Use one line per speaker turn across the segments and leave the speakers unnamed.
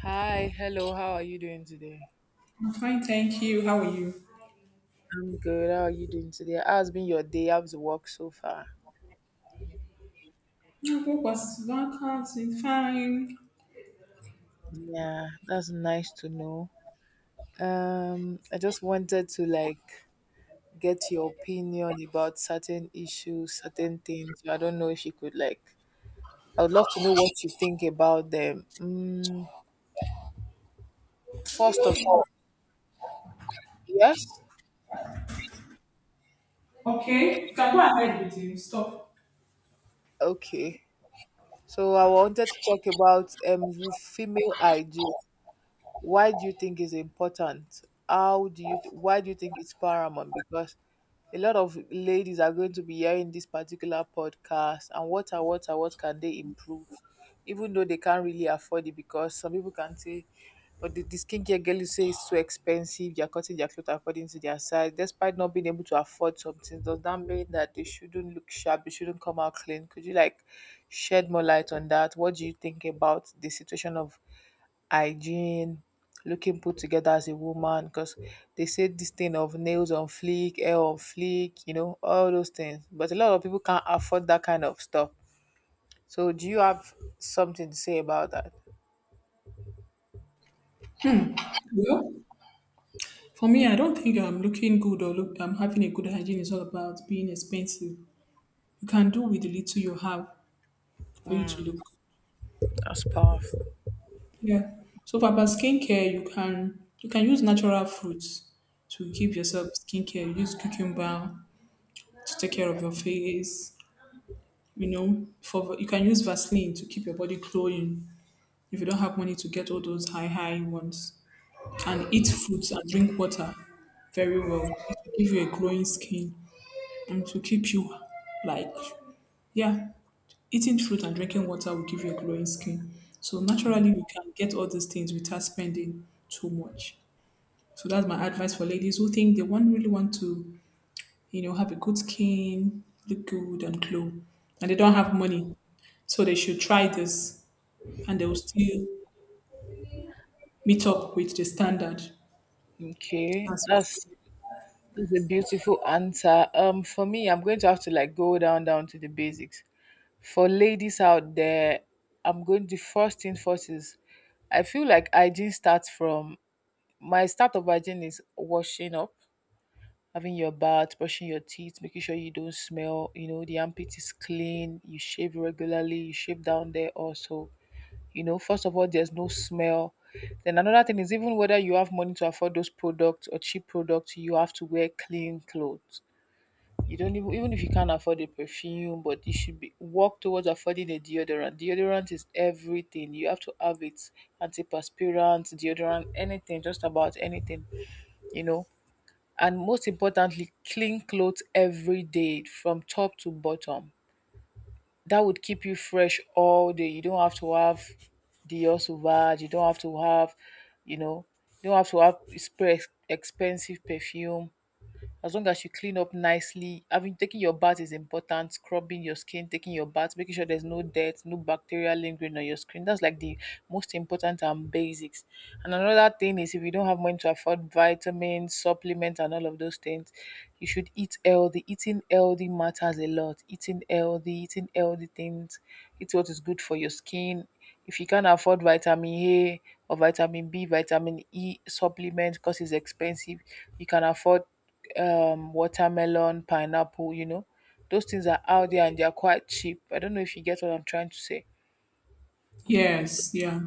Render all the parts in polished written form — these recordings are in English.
Hi, hello, how are you doing today?
I'm fine, thank you. How are you?
I'm good. How are you doing today? How's been your day? How's work so far?
My work was vacancing, fine.
Yeah, that's nice to know. I just wanted to like get your opinion about certain issues, certain things. So, I don't know if you could like I would love to know what you think about them. Mm, first of
Okay,
all, yes?
you can go ahead with the Stop.
Okay. So I wanted to talk about female hygiene. Why do you think is important? How do you Why do you think it's paramount? Because a lot of ladies are going to be hearing this particular podcast, and what are what can they improve, even though they can't really afford it? Because some people can say, but the skincare girl you say is too expensive, they're cutting their clothes according to their size. Despite not being able to afford something, does that mean that they shouldn't look sharp, they shouldn't come out clean? Could you like shed more light on that? What do you think about the situation of hygiene, looking put together as a woman? Because they say this thing of nails on fleek, hair on fleek, you know, all those things. But a lot of people can't afford that kind of stuff. So, do you have something to say about that?
Well, for me, I don't think I'm looking good or look, I'm having a good hygiene is all about being expensive. You can do with the little you have for you to look.
That's powerful.
Yeah. So for about skincare, you can use natural fruits to give yourself skincare. Use cucumber to take care of your face. You know, for you can use Vaseline to keep your body glowing. If you don't have money to get all those high ones and eat fruits and drink water very well, it will give you a glowing skin and to keep you like, yeah, eating fruit and drinking water will give you a glowing skin. So naturally you can get all these things without spending too much. So that's my advice for ladies who think they want, really want to, you know, have a good skin, look good and glow, and they don't have money. So they should try this and they will still meet up with the standard.
Okay,
That's-
that's a beautiful answer. For me, I'm going to have to like go down to the basics. For ladies out there, I'm going. The first thing first is, I feel like hygiene starts from. My start of hygiene is washing up, having your bath, brushing your teeth, making sure you don't smell, you know, the armpit is clean, you shave regularly, you shave down there also. You know, first of all, there's no smell. Then another thing is, even whether you have money to afford those products or cheap products, you have to wear clean clothes. You don't even if you can't afford a perfume, but you should be work towards affording a deodorant. Deodorant is everything. You have to have it, antiperspirant, deodorant, anything, just about anything, you know, and most importantly, clean clothes every day from top to bottom. That would keep you fresh all day. You don't have to have Dior Sauvage. You don't have to have, you know, you don't have to have spray expensive perfume, as long as you clean up nicely. Having taking your bath is important, scrubbing your skin, taking your bath, making sure there's no dirt, no bacteria lingering on your skin. That's like the most important and basics. And another thing is, if you don't have money to afford vitamins, supplements, and all of those things, you should eat healthy. Eating healthy matters a lot. Eating healthy things, eat what is good for your skin. If you can't afford vitamin A or vitamin B, vitamin E supplement because it's expensive, you can afford watermelon, pineapple, you know, those things are out there and they are quite cheap. I don't know if you get what I'm trying to say.
Yes, yeah.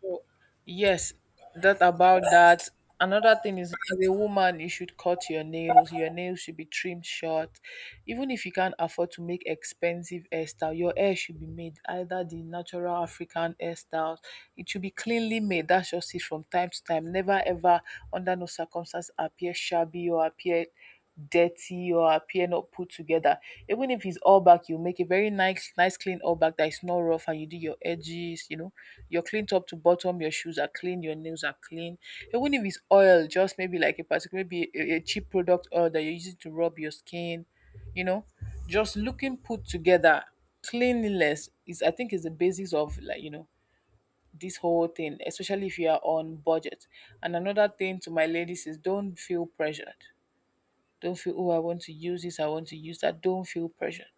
So, yes, that about that. Another thing is, as a woman, you should cut your nails. Your nails should be trimmed short. Even if you can't afford to make expensive hairstyle, your hair should be made either the natural African hairstyle. It should be cleanly made. That's just it from time to time. Never ever, under no circumstance, appear shabby or appear dirty or appear not put together. Even if it's all back, you make a very nice, nice clean all back that is not rough and you do your edges, you know, you're clean top to bottom, your shoes are clean, your nails are clean. Even if it's oil, just maybe like a particular maybe a cheap product oil that you're using to rub your skin, you know, just looking put together, cleanliness is I think is the basis of like, you know, this whole thing, especially if you are on budget. And another thing to my ladies is, don't feel pressured, don't feel, oh, I want to use this, I want to use that. Don't feel pressured.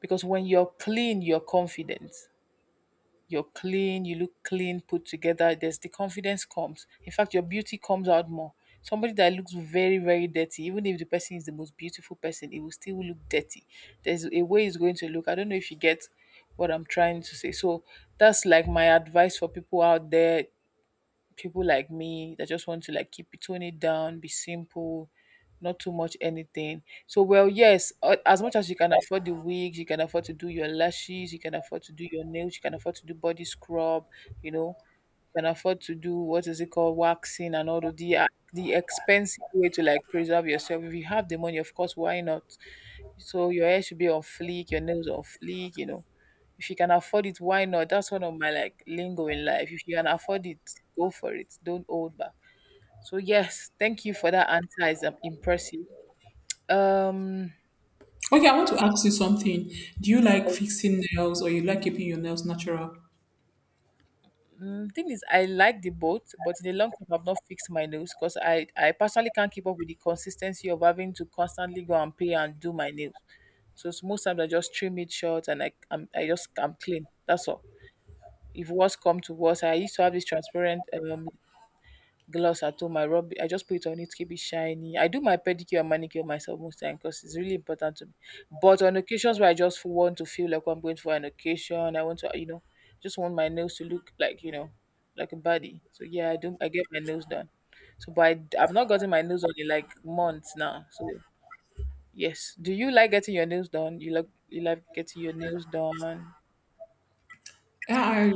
Because when you're clean, you're confident. You're clean, you look clean, put together. There's the confidence comes. In fact, your beauty comes out more. Somebody that looks very, very dirty, even if the person is the most beautiful person, it will still look dirty. There's a way it's going to look. I don't know if you get what I'm trying to say. So that's like my advice for people out there, people like me that just want to like keep it, tone it down, be simple, not too much anything. So, well, yes, as much as you can afford the wigs, you can afford to do your lashes, you can afford to do your nails, you can afford to do body scrub, you know, you can afford to do what is it called waxing and all of the expensive way to like preserve yourself. If you have the money, of course, why not? So your hair should be on fleek, your nails on fleek, you know. If you can afford it, why not? That's one of my like lingo in life. If you can afford it, go for it. Don't hold back. So yes, thank you for that answer. It's impressive. Um,
Okay, I want to ask you something. Do you like fixing nails or you like keeping your nails natural?
mm, thing is, I like the boat, but in the long term, I've not fixed my nails because I personally can't keep up with the consistency of having to constantly go and pay and do my nails. So it's most times I just trim it short and I I'm, I just I'm clean. That's all. If worse come to worse, I used to have this transparent gloss at home. I rub it, I just put it on it to keep it shiny. I do my pedicure and manicure myself most time because it's really important to me. But on occasions where I just want to feel like I'm going for an occasion, I want to, you know, just want my nails to look like, you know, like a body. So yeah, I do. I get my nails done. So, but I've not gotten my nails done in like months now. So yes, do you like getting your nails done? You like getting your nails done?
I-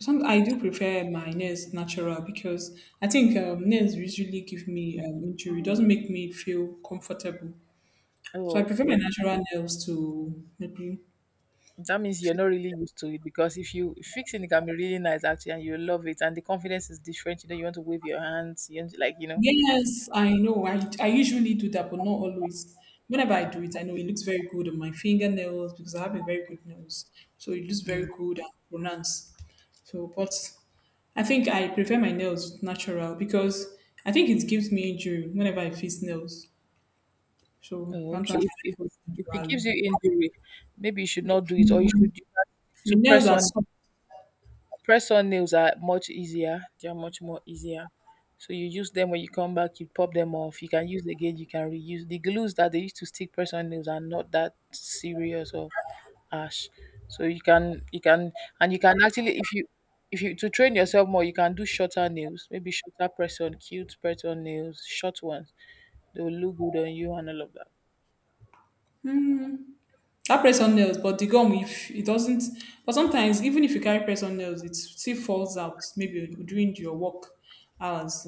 some I do prefer my nails natural because I think nails usually give me injury. It doesn't make me feel comfortable. So
Oh,
I prefer my
okay.
natural nails to maybe
That means you're not really used to it, because if you fixing it can be really nice actually and you love it and the confidence is different. You know, you want to wave your hands, you want to, like, you know.
Yes, I know. I usually do that, but not always. Whenever I do it, I know it looks very good on my fingernails because I have a very good nails. So it looks very
Mm.
good and pronounced. So, but I think I prefer my nails natural because I think it gives me injury whenever I fix nails. So
Oh, okay. So
sometimes
If,
I
if
like it
if it gives
naturally.
you injury, maybe you should not do it or you should do that
My
to
nails
press
are
on.
soft.
Press on nails are much easier. They are much more easier. So you use them when you come back, you pop them off. You can use again, you can reuse. The glues that they used to stick press on nails are not that serious or harsh. So you can and you can actually if you to train yourself more, you can do shorter nails, maybe shorter press on, cute press on nails, short ones. They will look good on you and all of that.
Hmm. That press on nails, but the gum, if it doesn't, but sometimes even if you carry press on nails, it still falls out. Maybe during your work hours.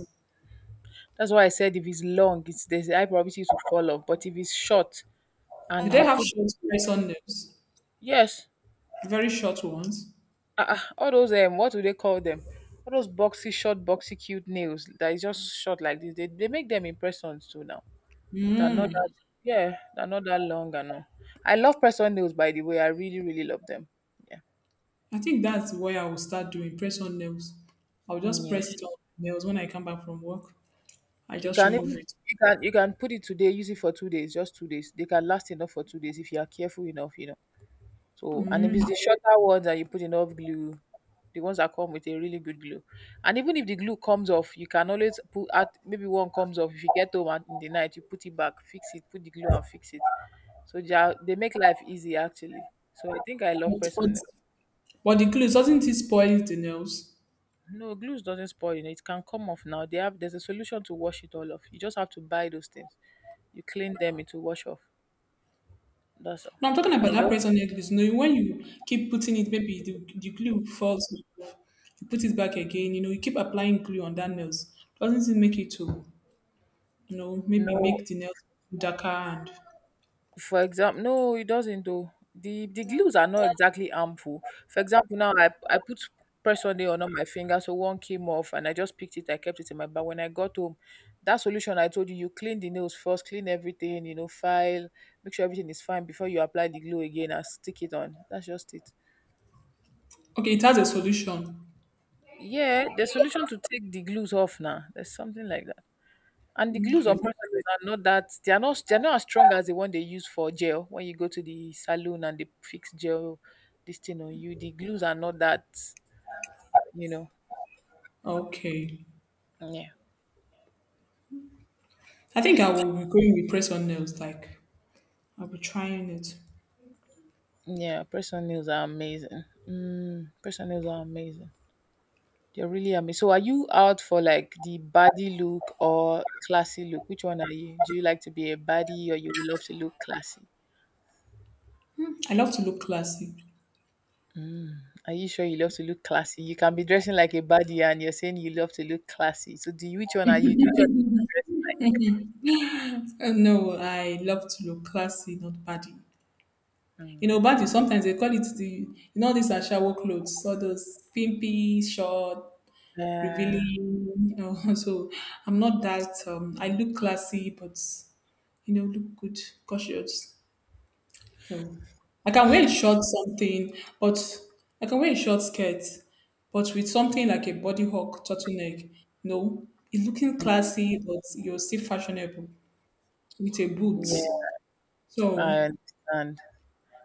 That's why I said if it's long, it's there's a high probability to fall off. But if it's short
Do
and
they
you
have
put,
short press on nails?
yes.
Very short ones.
Ah, ah, all those what do they call them? All those boxy, short, boxy, cute nails that is just short like this. They make them in persons too now. They're not that,
Mm.
yeah, they're not that long and all. I love person nails by the way. I really, really love them. Yeah.
I think that's where I will start doing press on nails. I'll just
Yeah.
press it on nails when I come back from work. I
You
just
can
remove
even
it.
you can put it today, use it for 2 days, just 2 days. They can last enough for 2 days if you are careful enough, you know. So, and if it's the shorter ones that you put enough glue, the ones that come with a really good glue, and even if the glue comes off, you can always put out maybe one comes off. If you get home and in the night, you put it back, fix it, put the glue and fix it. So they make life easy actually. So I think I love
But,
press
but,
on. Them.
but the glue, doesn't it spoil the nails?
No, glue doesn't spoil. You know, it can come off now. They have there's a solution to wash it all off. You just have to buy those things. You clean them, it will wash off. That's all.
And I'm talking
And
about
you
that
don't.
price on necklace. You know, when you keep putting it, maybe the glue falls off. You put it back again. You know, you keep applying glue on that nails. Doesn't it make it to, you know, maybe
No.
make the nails darker and
For example, no, it doesn't though. The glues are not exactly harmful. For example, now I put press on my finger, so one came off and I just picked it, I kept it in my bag. When I got home, that solution I told you, you clean the nails first, clean everything, you know, file, make sure everything is fine before you apply the glue again and stick it on. That's just it.
okay? It has a solution.
Yeah, the solution to take the glues off now. There's something like that. And the glues
Okay,
on practices are not that, they are not as strong as the one they use for gel. When you go to the salon and they fix gel, this thing on you, the glues are not that. You know,
okay.
yeah,
I think I will be going with press on nails. Like I'll be trying it.
yeah. Person nails are amazing. Mm, person nails are amazing. They're really amazing. So, are you out for like the body look or classy look? Which one are you? Do you like to be a body or you love to look classy?
I love to look classy.
Mm. Are you sure you love to look classy? You can be dressing like a baddie and you're saying you love to look classy. So, which one are you? Do you just dress?
No, I love to look classy, not body. You
Mm,
know,
okay.
body sometimes they call it the, you know, these are shower clothes, all those pimpy, short,
Yeah,
revealing. You know, so I'm not that. I look classy, but you know, look good, cautious. So I can wear a short something, but I can wear a short skirt, but with something like a body hawk turtleneck. No, it's looking classy, but you're still fashionable with a boot.
yeah,
So
I understand.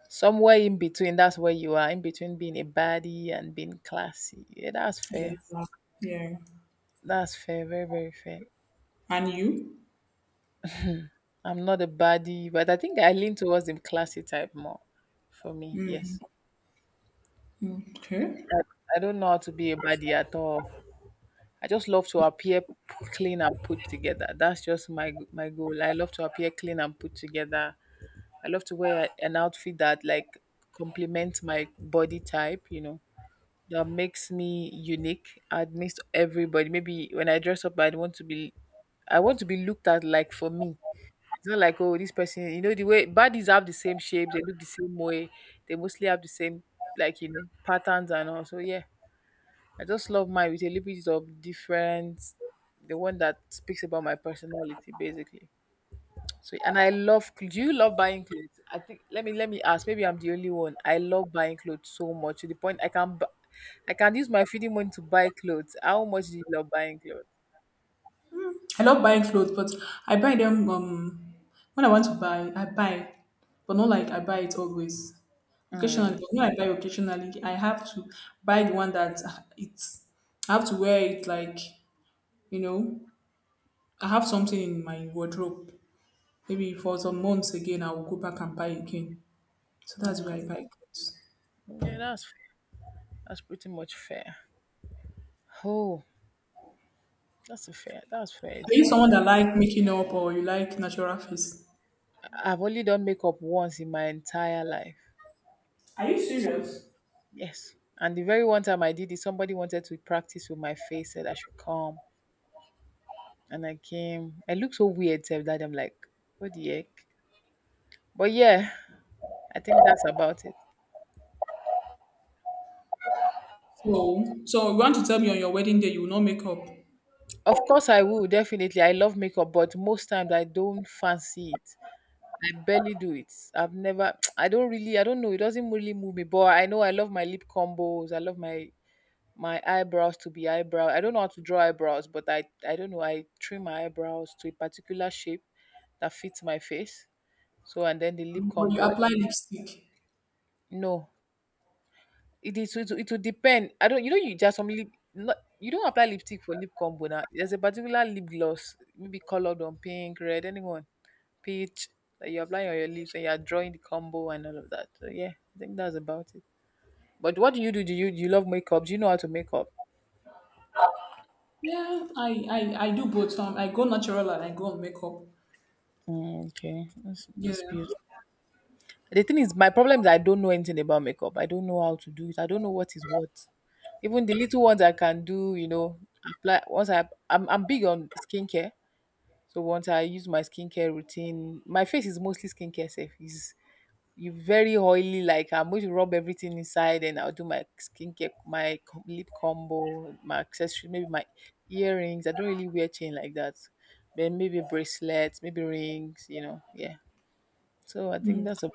Somewhere in between, that's where you are, in between being a baddie and being classy. Yeah, that's
yeah,
fair.
yeah.
That's fair, very, very fair.
And you?
I'm not a baddie, but I think I lean towards the classy type more for me. Yes.
Okay.
I, I don't know how to be a baddie at all. I just love to appear clean and put together. That's just my goal. I love to appear clean and put together. I love to wear an outfit that like complements my body type, you know, that makes me unique amidst everybody. Maybe when I dress up, I want to be, I want to be looked at like for me. It's not like, oh, this person, you know, the way bodies have the same shape, they look the same way, they mostly have the same like, you know, patterns and all. So yeah, I just love mine with a little bit of difference, the one that speaks about my personality, basically. So, and I love. Do you love buying clothes? I think. Let me ask. Maybe I'm the only one. I love buying clothes so much to the point I can use my feeding money to buy clothes. How much do you love buying clothes?
I love buying clothes, but I buy them when I want to buy, I buy, but not like I buy it always. Occasionally,
Mm,
but when I buy occasionally, I have to buy the one that it's. I have to wear it like, you know. I have something in my wardrobe. Maybe for some months again, I will go back and buy again. So that's where I buy
mm,
clothes.
yeah, that's fair. That's pretty much fair. Oh, that's a fair. That's fair.
Are you
It's
someone
fair.
that like making up or you like natural face?
I've only done makeup once in my entire life.
Are you serious?
Yes. And the very one time I did it, somebody wanted to practice with my face, said I should come. And I came. I looked so weird, said that I'm like, what the heck? But yeah, I think that's about it.
So, so you want to tell me on your wedding day you will not make up,
Of course I will, definitely. I love makeup, but most times I don't fancy it. I barely do it. I've never I don't know. It doesn't really move me. But I know I love my lip combos. I love my eyebrows to be eyebrow. I don't know how to draw eyebrows, but I don't know. I trim my eyebrows to a particular shape that fits my face. So and then the lip
but you
combo.
apply lipstick.
No, it will depend. I don't You know, you just some lip, not you don't apply lipstick for lip combo now. There's a particular lip gloss, maybe colored on pink, red, anyone, peach, that you apply on your lips and you are drawing the combo and all of that. So yeah, I think that's about it. But what do you do? Do you love makeup? Do you know how to make up?
Yeah, I do both. I go natural and I go on makeup.
Mm, okay, that's
Yeah.
that's beautiful. The thing is, my problem is I don't know anything about makeup. I don't know how to do it. I don't know what is what. Even the little ones I can do, you know, apply once I'm big on skincare. So once I use my skincare routine, my face is mostly skincare safe. Is you very oily, like I'm going to rub everything inside and I'll do my skincare, my lip combo, my accessory, maybe my earrings. I don't really wear chain like that. But maybe bracelets, maybe rings, you know. Yeah. So I think that's a.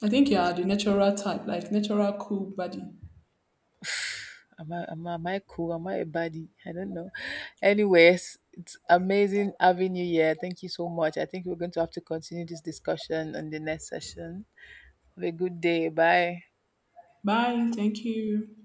I think you are the natural type, like natural cool body.
Am I cool? Am I a baddie? I don't know. Anyways, it's amazing having you here. Thank you so much. I think we're going to have to continue this discussion on the next session. Have a good day. Bye.
Bye. Thank you.